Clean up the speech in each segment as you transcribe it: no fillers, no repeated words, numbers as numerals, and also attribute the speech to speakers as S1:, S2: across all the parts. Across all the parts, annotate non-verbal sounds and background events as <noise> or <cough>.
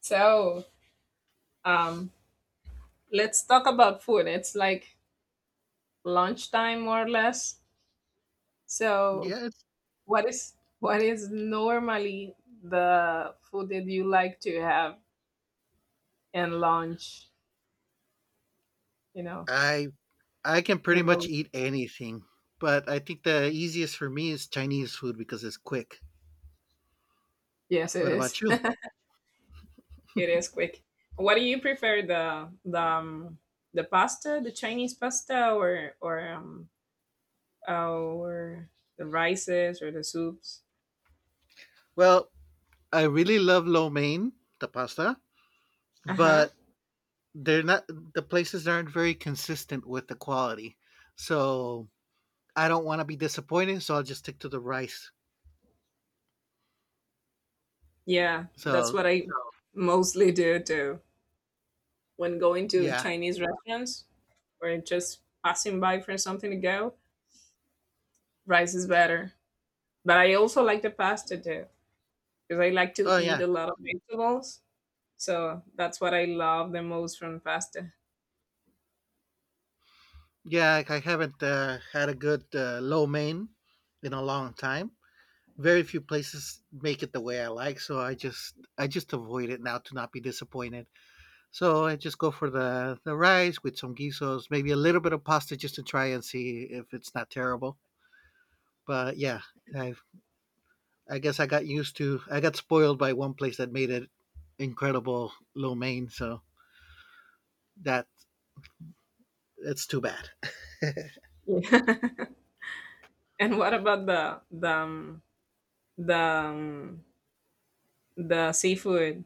S1: So, um, let's talk about food. It's like lunchtime, more or less. So,
S2: Yes,
S1: what is what is normally the food that you like to have in lunch? You know,
S2: I I can
S1: the
S2: pretty much
S1: most.
S2: eat anything, but I think the easiest for me is Chinese food because it's quick.
S1: Yes, it
S2: What about
S1: is. <laughs>
S2: you?
S1: It is quick. What do you prefer, the pasta, the Chinese pasta, or the rices or the soups?
S2: Well, I really love lo mein, the pasta,
S1: Uh huh.
S2: but they're not the places aren't very consistent with the quality. So I don't want to be disappointed, so I'll just stick to the rice.
S1: Yeah, that's
S2: So
S1: what I mostly do too. When going to
S2: yeah,
S1: Chinese restaurants or just passing by for something to go, rice is better. But I also like the pasta too because I like to
S2: oh
S1: eat
S2: yeah,
S1: a lot of vegetables. So that's what I love the most from pasta.
S2: yeah. I haven't had a good lo mein in a long time, very few places make it the way I like, so I just avoid it now to not be disappointed. So I just go for the rice with some guisos, maybe a little bit of pasta just to try and see if it's not terrible. But yeah, I I guess I got spoiled by one place that made it incredible lo mein, so that it's too bad.
S1: Yeah. <laughs> And what about the um, the seafood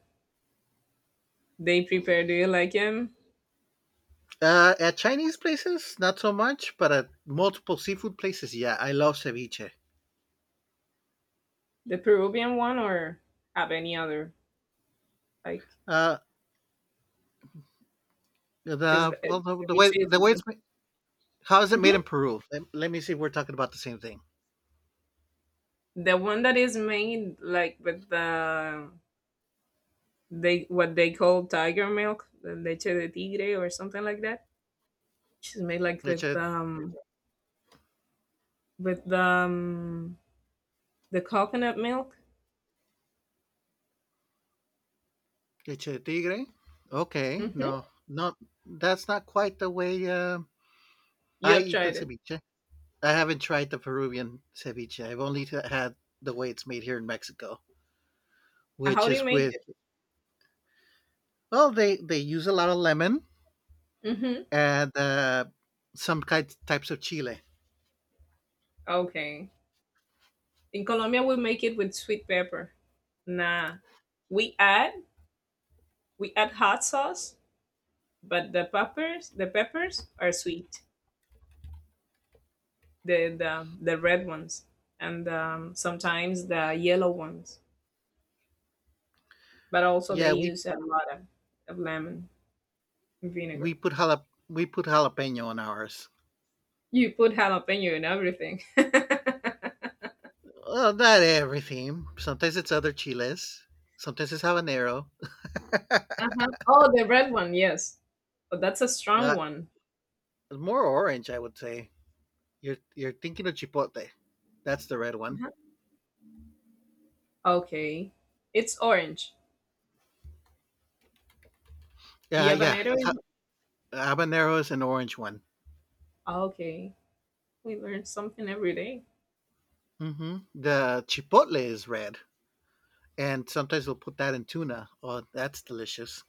S1: they prepare? Do you like him,
S2: At Chinese places, not so much, but at multiple seafood places, yeah, I love ceviche.
S1: the Peruvian one, or have any other like?
S2: Uh,
S1: Is the
S2: the well,
S1: ceviche
S2: the
S1: is
S2: way it's ma- How is it made in
S1: mhm,
S2: Peru? Let me see if we're talking about the same thing.
S1: the one that is made like with the, they what they call tiger milk, the leche de tigre or something like that. Which made like with
S2: Leche,
S1: um with um the coconut milk.
S2: leche de tigre. Okay,
S1: Mm-hmm.
S2: no, no, that's not quite the way
S1: You
S2: I
S1: have
S2: eat the
S1: tried it.
S2: ceviche. I haven't tried the Peruvian ceviche. I've only t- had the way it's made here in Mexico,
S1: How
S2: which
S1: do you
S2: is
S1: make
S2: with
S1: it?
S2: well, they use a lot of lemon
S1: Mm-hmm.
S2: and some kind types of chile.
S1: Okay. In Colombia, we make it with sweet pepper. Nah, we add we add hot sauce, but the peppers are sweet. The red ones and sometimes the yellow ones, but also they
S2: Yeah, we
S1: use a lot of lemon, vinegar.
S2: we put jalap- we put jalapeno on ours.
S1: You put jalapeno in everything. <laughs>
S2: Well, not everything. Sometimes it's other chiles. Sometimes it's habanero.
S1: Uh-huh. Oh, the red one, yes. But that's a strong
S2: Uh,
S1: one.
S2: It's more orange, I would say. You're thinking of chipotle. That's the red one.
S1: Uh-huh. Okay. It's orange. The
S2: Yeah, yeah.
S1: habanero
S2: It's
S1: is,
S2: ha- habanero is an orange one.
S1: oh, okay. We learn something every day.
S2: The chipotle is red, and sometimes we'll put that in tuna. Oh, that's delicious.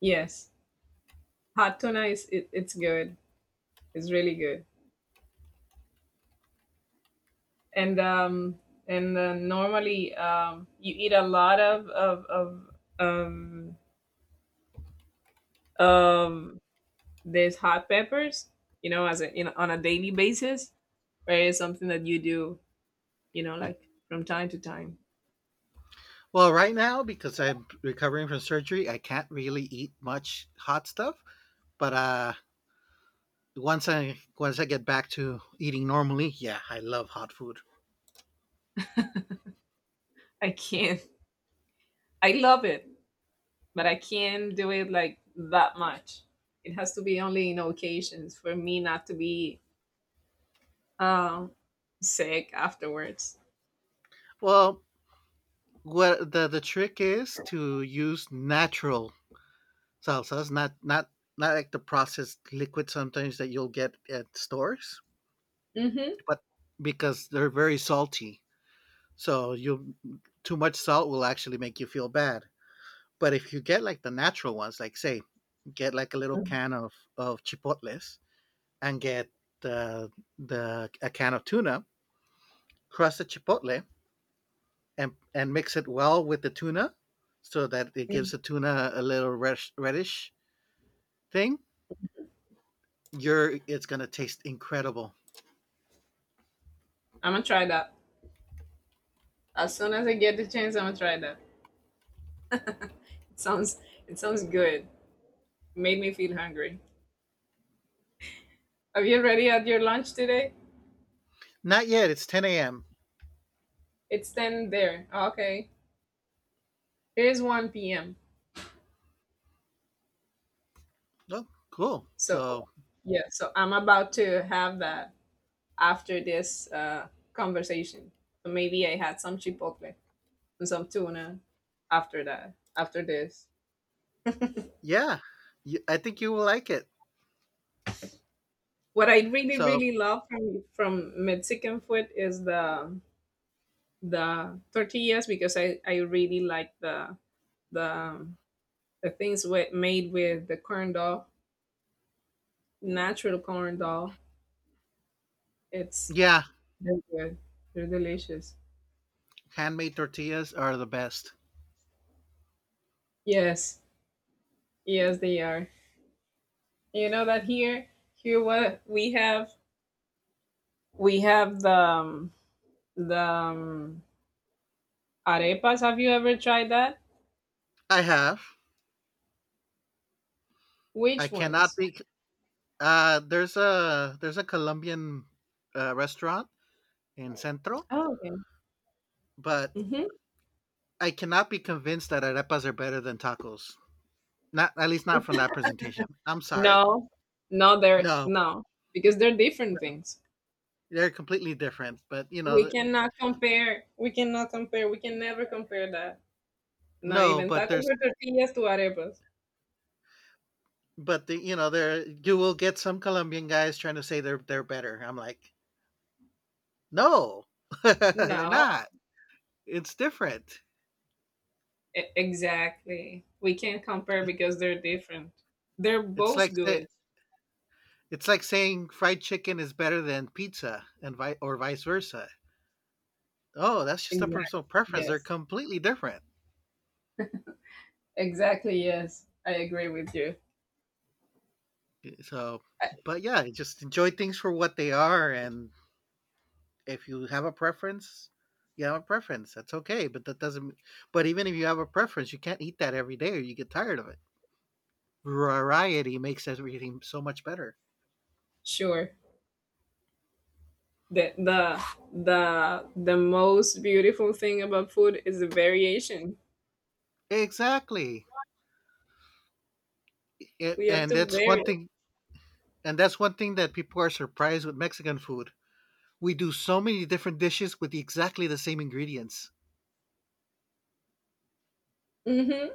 S1: Yes. Hot tuna, it's good. It's really good. And um and normally, you eat a lot um of these hot peppers, you know, as a, you know, on a daily basis, or is something that you do, you know, like from time to time?
S2: Well, right now because I'm recovering from surgery, I can't really eat much hot stuff. But once I get back to eating normally, yeah, I love hot food.
S1: I can't. <laughs> I love it, but I can't do it like that much. It has to be only in occasions for me not to be um sick afterwards.
S2: Well, what the trick is to use natural salsas, not like the processed liquid sometimes that you'll get at stores,
S1: Mm-hmm.
S2: but because they're very salty. So you too much salt will actually make you feel bad. But if you get like the natural ones, like say, get like a little
S1: I'm
S2: can of chipotles and get the the a can of tuna, crush the chipotle and mix it well with the tuna, so that it gives the tuna a little reddish thing. You're it's gonna taste incredible.
S1: gonna try that as soon as I get the chance. I'm gonna try that. It sounds it sounds good. Made me feel hungry. Have you already had your lunch today?
S2: Not yet. It's 10 a.m.
S1: It's ten there. Okay. It is 1 p.m.
S2: Oh, cool.
S1: So,
S2: So,
S1: yeah, so I'm about to have that after this conversation. So maybe I had some chipotle and some tuna after that, after this.
S2: yeah, I think you will like it.
S1: What I really,
S2: So,
S1: really love from Mexican food is the tortillas because I really like the um, the things with, made with the corn dog, natural corn dog. It's,
S2: yeah,
S1: they're good. They're delicious.
S2: handmade tortillas are the best.
S1: Yes, yes, they are. You know that here, here what we have the arepas. Have you ever tried that?
S2: I have. I
S1: Which
S2: cannot
S1: ones?
S2: be. There's a Colombian restaurant in Centro,
S1: Oh, okay.
S2: but
S1: hmm
S2: I cannot be convinced that arepas are better than tacos. Not at least not from that presentation. I'm sorry.
S1: No, no, they're
S2: No,
S1: no, because they're different things.
S2: they're completely different. But you
S1: We
S2: know, th-
S1: cannot compare. We cannot compare. We can never compare that. Not
S2: no.
S1: even
S2: But
S1: tacos
S2: there's
S1: or tortillas to arepas.
S2: But the you know, there you will get some Colombian guys trying to say they're better. I'm like, "No, <laughs> they're
S1: No,
S2: not. It's different.
S1: exactly. We can't compare
S2: It,
S1: because they're different. They're
S2: it's
S1: both
S2: like say,
S1: good.
S2: it's like saying fried chicken is better than pizza and vi- or vice versa. Oh, that's just a
S1: Exactly.
S2: personal preference. They're
S1: Yes.
S2: completely different.
S1: Exactly. Yes, I agree with you.
S2: So,
S1: I,
S2: but yeah, just enjoy things for what they are, and if you have a preference, you have a preference. That's okay, but that doesn't but even if you have a preference, you can't eat that every day or you get tired of it. Variety makes everything so much better.
S1: sure. The, the the most beautiful thing about food is the variation.
S2: Exactly. It,
S1: We have
S2: and
S1: to
S2: that's
S1: vary.
S2: one thing and that's one thing that people are surprised with Mexican food. We do so many different dishes with exactly the same ingredients.
S1: Mm-hmm.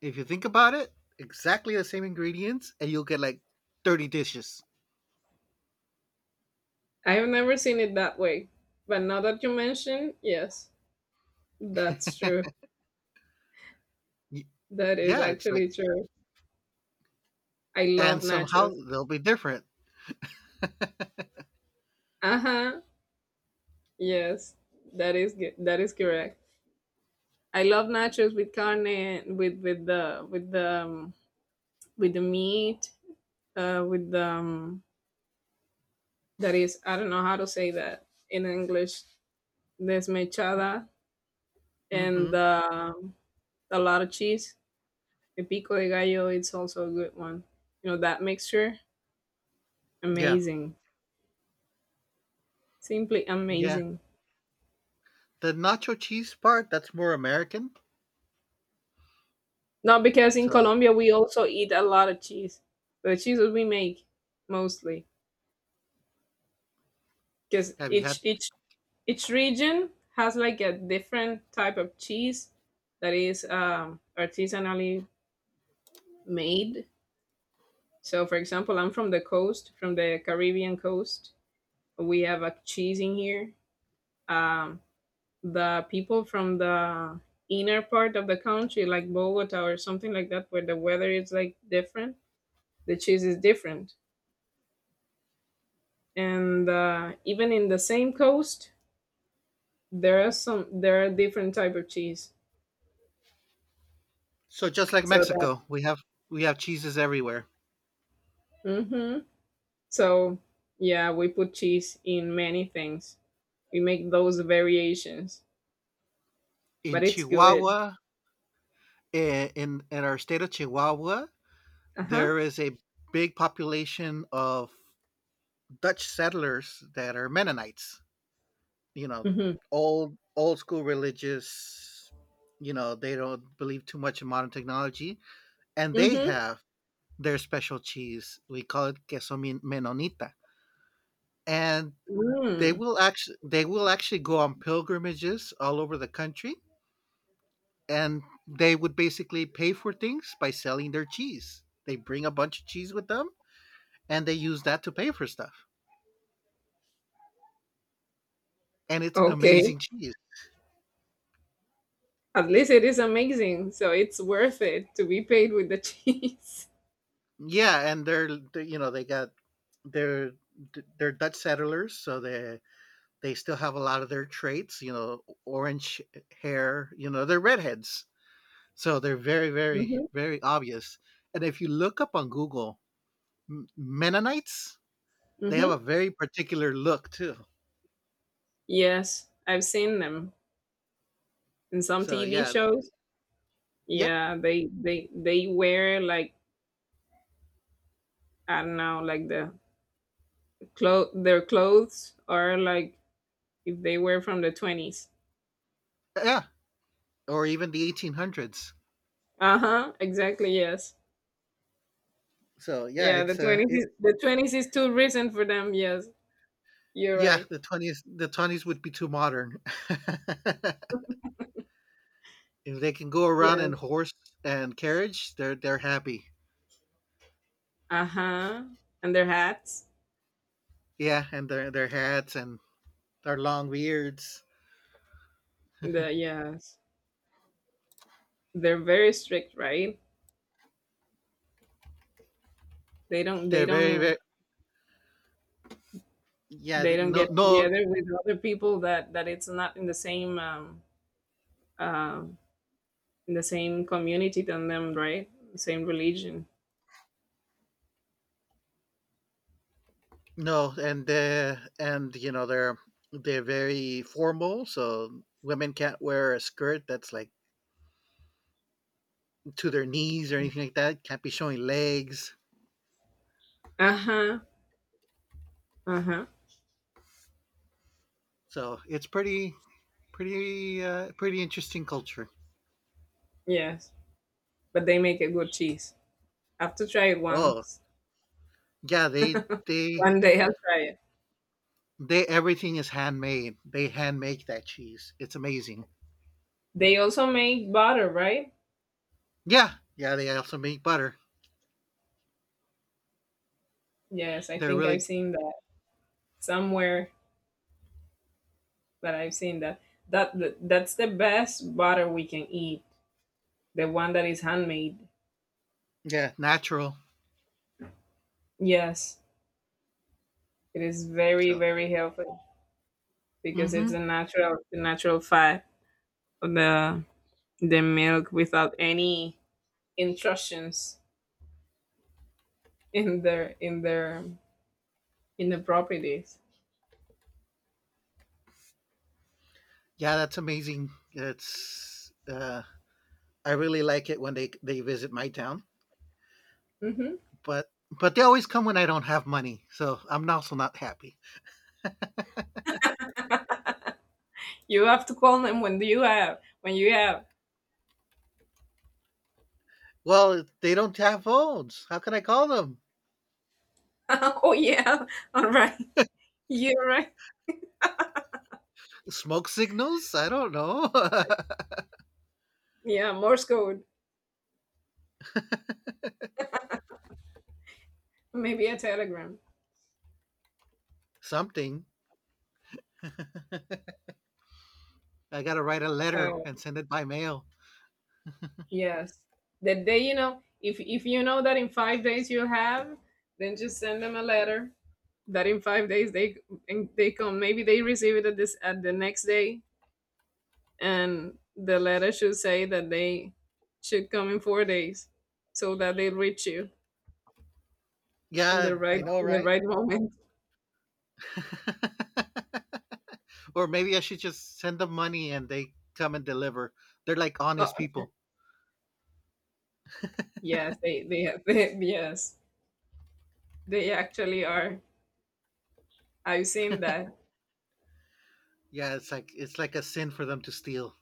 S2: If you think about it, exactly the same ingredients and you'll get like 30 dishes.
S1: I have never seen it that way, but now that you mention, yes, that's true.
S2: Y-
S1: That is
S2: Yeah, it's like
S1: actually true. I love
S2: and somehow
S1: nachos.
S2: they'll be different.
S1: Uh huh. Yes, that is good. That is correct. I love nachos with carne, and with with the meat, with the that is, I don't know how to say that in English. Desmechada and
S2: Mhm.
S1: uh, a lot of cheese. El pico de gallo. It's also a good one. You know that mixture,
S2: Yeah.
S1: amazing, simply
S2: Yeah.
S1: amazing.
S2: The nacho cheese part, that's more American.
S1: Not, because in
S2: So,
S1: Colombia we also eat a lot of cheese. The cheeses we make mostly, because
S2: have you
S1: each
S2: had
S1: each each region has like a different type of cheese that is artisanally made. So, for example, I'm from the coast, from the Caribbean coast. We have a cheese in here. Um, the people from the inner part of the country, like Bogota or something like that, where the weather is like different, the cheese is different. And even in the same coast, there are different type of cheese.
S2: so just like
S1: So that,
S2: Mexico, we have cheeses everywhere.
S1: hmm so yeah, we put cheese in many things. We make those variations, but
S2: in
S1: it's good.
S2: Chihuahua, in our state of Chihuahua,
S1: Uh huh.
S2: there is a big population of Dutch settlers that are Mennonites. You know,
S1: Mm-hmm.
S2: old school religious. You know, they don't believe too much in modern technology, and they
S1: Mm-hmm.
S2: have their special cheese. We call it queso men- menonita, and
S1: Mm,
S2: they will actually go on pilgrimages all over the country and they would basically pay for things by selling their cheese. They bring a bunch of cheese with them and they use that to pay for stuff. And it's
S1: okay.
S2: amazing cheese.
S1: At least it is amazing. So it's worth it to be paid with the cheese.
S2: Yeah, and you know they got they're they're Dutch settlers, so they still have a lot of their traits. You know, orange hair. You know, they're redheads, so they're very
S1: <laughs>
S2: very
S1: hmm
S2: very obvious. And if you look up on Google, M- Mennonites, they have
S1: hmm
S2: a very particular look too.
S1: Yes, I've seen them in some
S2: So
S1: TV
S2: yeah,
S1: shows.
S2: yep,
S1: Yeah, they wear like, I don't know, like the clo their clothes are like if they were from the '20s.
S2: yeah, or even the 1800s.
S1: Uh-huh, exactly, yes.
S2: So yeah,
S1: Yeah, the
S2: it's
S1: 20s
S2: it
S1: is, the '20s is too recent for them. Yes. You're
S2: yeah
S1: right.
S2: the 20s, the 20s would be too modern. <laughs> If they can go around
S1: Yes.
S2: in horse and carriage, they're happy.
S1: Uh-huh. And their hats.
S2: Yeah, and their hats and their long beards.
S1: The yes. They're very strict, right? They don't they
S2: They're very
S1: don't
S2: very yeah
S1: they
S2: th-
S1: don't
S2: no
S1: get
S2: no
S1: together with other people that that it's not in the same uh in the same community than them, right? Same religion.
S2: no, and and you know they're very formal. So women can't wear a skirt that's like to their knees or anything like that. Can't be showing legs.
S1: Uh-huh. Uh-huh.
S2: So it's pretty pretty interesting culture.
S1: Yes. But they make a good cheese. I have to try it
S2: Oh,
S1: once.
S2: yeah, they
S1: One day I'll try it.
S2: they everything is handmade. They hand make that cheese. It's amazing.
S1: They also make butter, right?
S2: Yeah, yeah, they also make butter.
S1: Yes, I
S2: They're
S1: think I've
S2: really
S1: seen that somewhere. But I've seen that. That's the best butter we can eat. The one that is handmade.
S2: yeah, natural.
S1: Yes. It is very
S2: So,
S1: very healthy because
S2: hmm
S1: it's a natural, the natural fat of the milk without any intrusions in their in their in the properties.
S2: yeah, that's amazing. It's I really like it when they visit my town,
S1: hmm
S2: but they always come when I don't have money, so I'm also not happy.
S1: You have to call them when do you have, when you have.
S2: Well, they don't have phones. How can I call them?
S1: <laughs> Oh yeah, all right, <laughs> you're right.
S2: Smoke signals? I don't know.
S1: Yeah, Morse code, maybe a telegram.
S2: <laughs> Something. <laughs> I gotta write a letter
S1: So,
S2: and send it by mail.
S1: yes. The day, you know, if you know that in 5 days you have, then just send them a letter that in 5 days they, and they come. Maybe they receive it at this, at the next day, and the letter should say that they should come in 4 days, so that they reach you in
S2: Yeah,
S1: the right,
S2: I know,
S1: in the
S2: right?
S1: right moment. <laughs>
S2: <laughs> Or maybe I should just send them money and they come and deliver. They're like
S1: Oh,
S2: honest
S1: okay.
S2: people.
S1: Yes, they have <laughs> they, yes, they actually are. I've seen that.
S2: Yeah, it's like a sin for them to steal.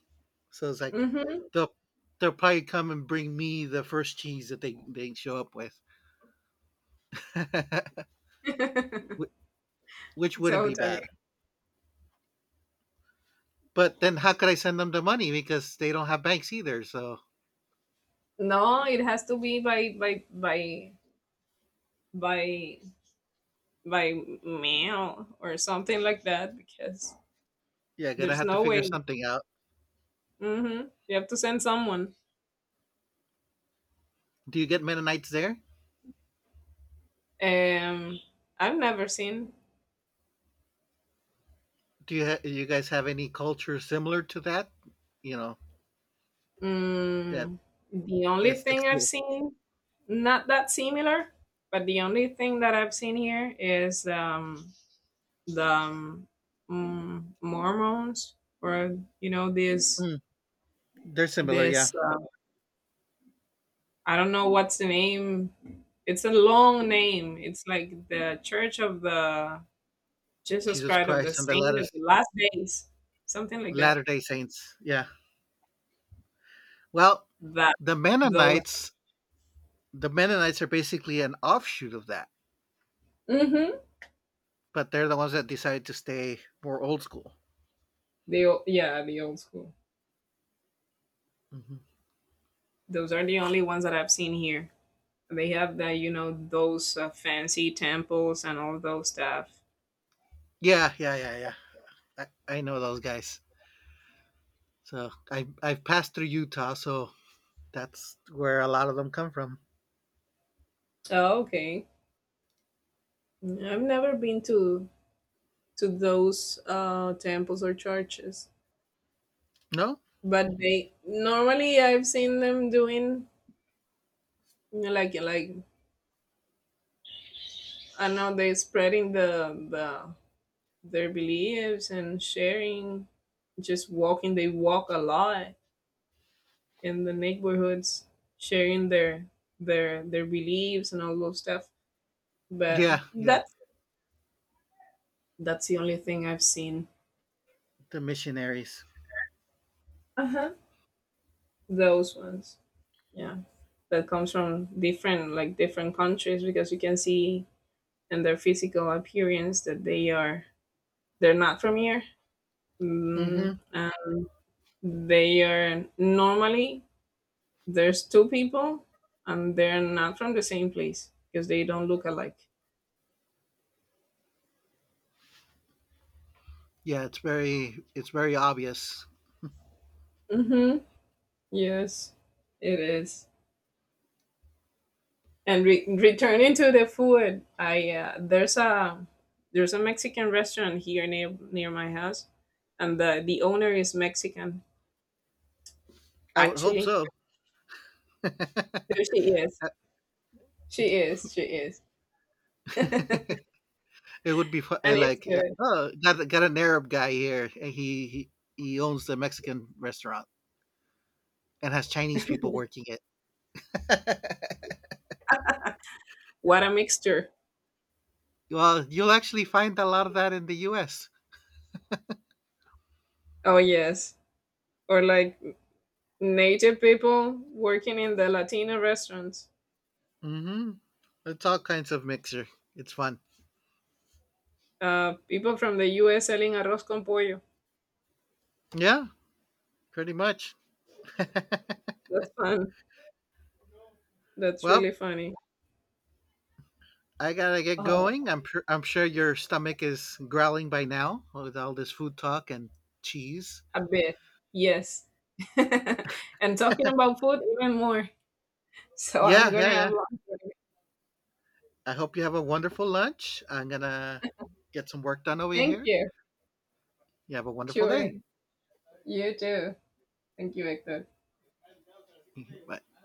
S2: So it's like
S1: hmm
S2: they'll they'll probably come and bring me the first cheese that they show up with, <laughs>
S1: <laughs>
S2: Wh- which wouldn't be
S1: Totally.
S2: bad. But then how could I send them the money because they don't have banks either? So
S1: No, it has to be by by mail or something like that because
S2: yeah, got to
S1: there's
S2: have to
S1: no way.
S2: figure something out.
S1: hmm You have to send someone.
S2: Do you get Mennonites there?
S1: Um, I've never seen.
S2: Do you ha- you guys have any culture similar to that? You know that
S1: Mm, the
S2: that
S1: only
S2: sticks
S1: thing I've
S2: to.
S1: seen, not that similar, but the only thing that I've seen here is the um, Mormons, or you know this
S2: Mm, they're similar, yeah.
S1: this uh, I don't know what's the name. It's a long name. It's like the Church of the Jesus
S2: Jesus
S1: Christ of the
S2: Christ and the
S1: Saint
S2: latter
S1: of the Last Days, something like that.
S2: Latter Day Saints, yeah. Well,
S1: That
S2: the
S1: those,
S2: Mennonites, the Mennonites are basically an offshoot of that,
S1: mm-hmm,
S2: but they're the ones that decided to stay more old school.
S1: they yeah, the old school.
S2: Hmm
S1: Those are the only ones that I've seen here. They have the, you know, those fancy temples and all those stuff.
S2: Yeah, yeah. I know those guys. So I've passed through Utah, so that's where a lot of them come from.
S1: Oh, okay. I've never been to those temples or churches,
S2: No,
S1: but they normally, I've seen them doing like like I know they're spreading the their beliefs and sharing, just walking. They walk a lot in the neighborhoods, sharing their beliefs and all those stuff. But
S2: yeah,
S1: that's the only thing I've seen.
S2: the missionaries.
S1: Uh huh. Those ones, yeah, that comes from different, like different countries, because you can see in their physical appearance that they are, they're not from here. Mm,
S2: Hmm
S1: they are normally, there's two people and they're not from the same place because they don't look alike.
S2: Yeah, it's very obvious.
S1: Mm-hmm. Yes, it is. And returning to the food, I there's a, there's a Mexican restaurant here near near my house, and the owner is Mexican.
S2: I would hope
S1: Actually,
S2: so.
S1: there she is. She is. She is. <laughs> And
S2: It would be fu-
S1: it's
S2: like,
S1: good.
S2: oh, got an Arab guy here, and he owns the Mexican restaurant and has Chinese people working it. <laughs>
S1: What a mixture!
S2: Well, you'll actually find a lot of that in the U.S.
S1: Oh yes, or like native people working in the Latina restaurants.
S2: Mm-hmm. It's all kinds of mixer. It's fun.
S1: People from the U.S. selling arroz con pollo.
S2: Yeah, pretty much.
S1: That's fun. That's really
S2: Well,
S1: funny.
S2: I gotta get
S1: Oh,
S2: going. I'm sure your stomach is growling by now with all this food talk and cheese.
S1: a bit. Yes. <laughs> And talking about food even more. So I'm
S2: Yeah,
S1: gonna
S2: yeah,
S1: have
S2: yeah.
S1: lunch with you.
S2: I hope you have a wonderful lunch. I'm going to get some work done over
S1: Thank
S2: here.
S1: you.
S2: You have a wonderful
S1: Sure.
S2: day.
S1: You too. Thank you, Victor.
S2: <laughs> Bye.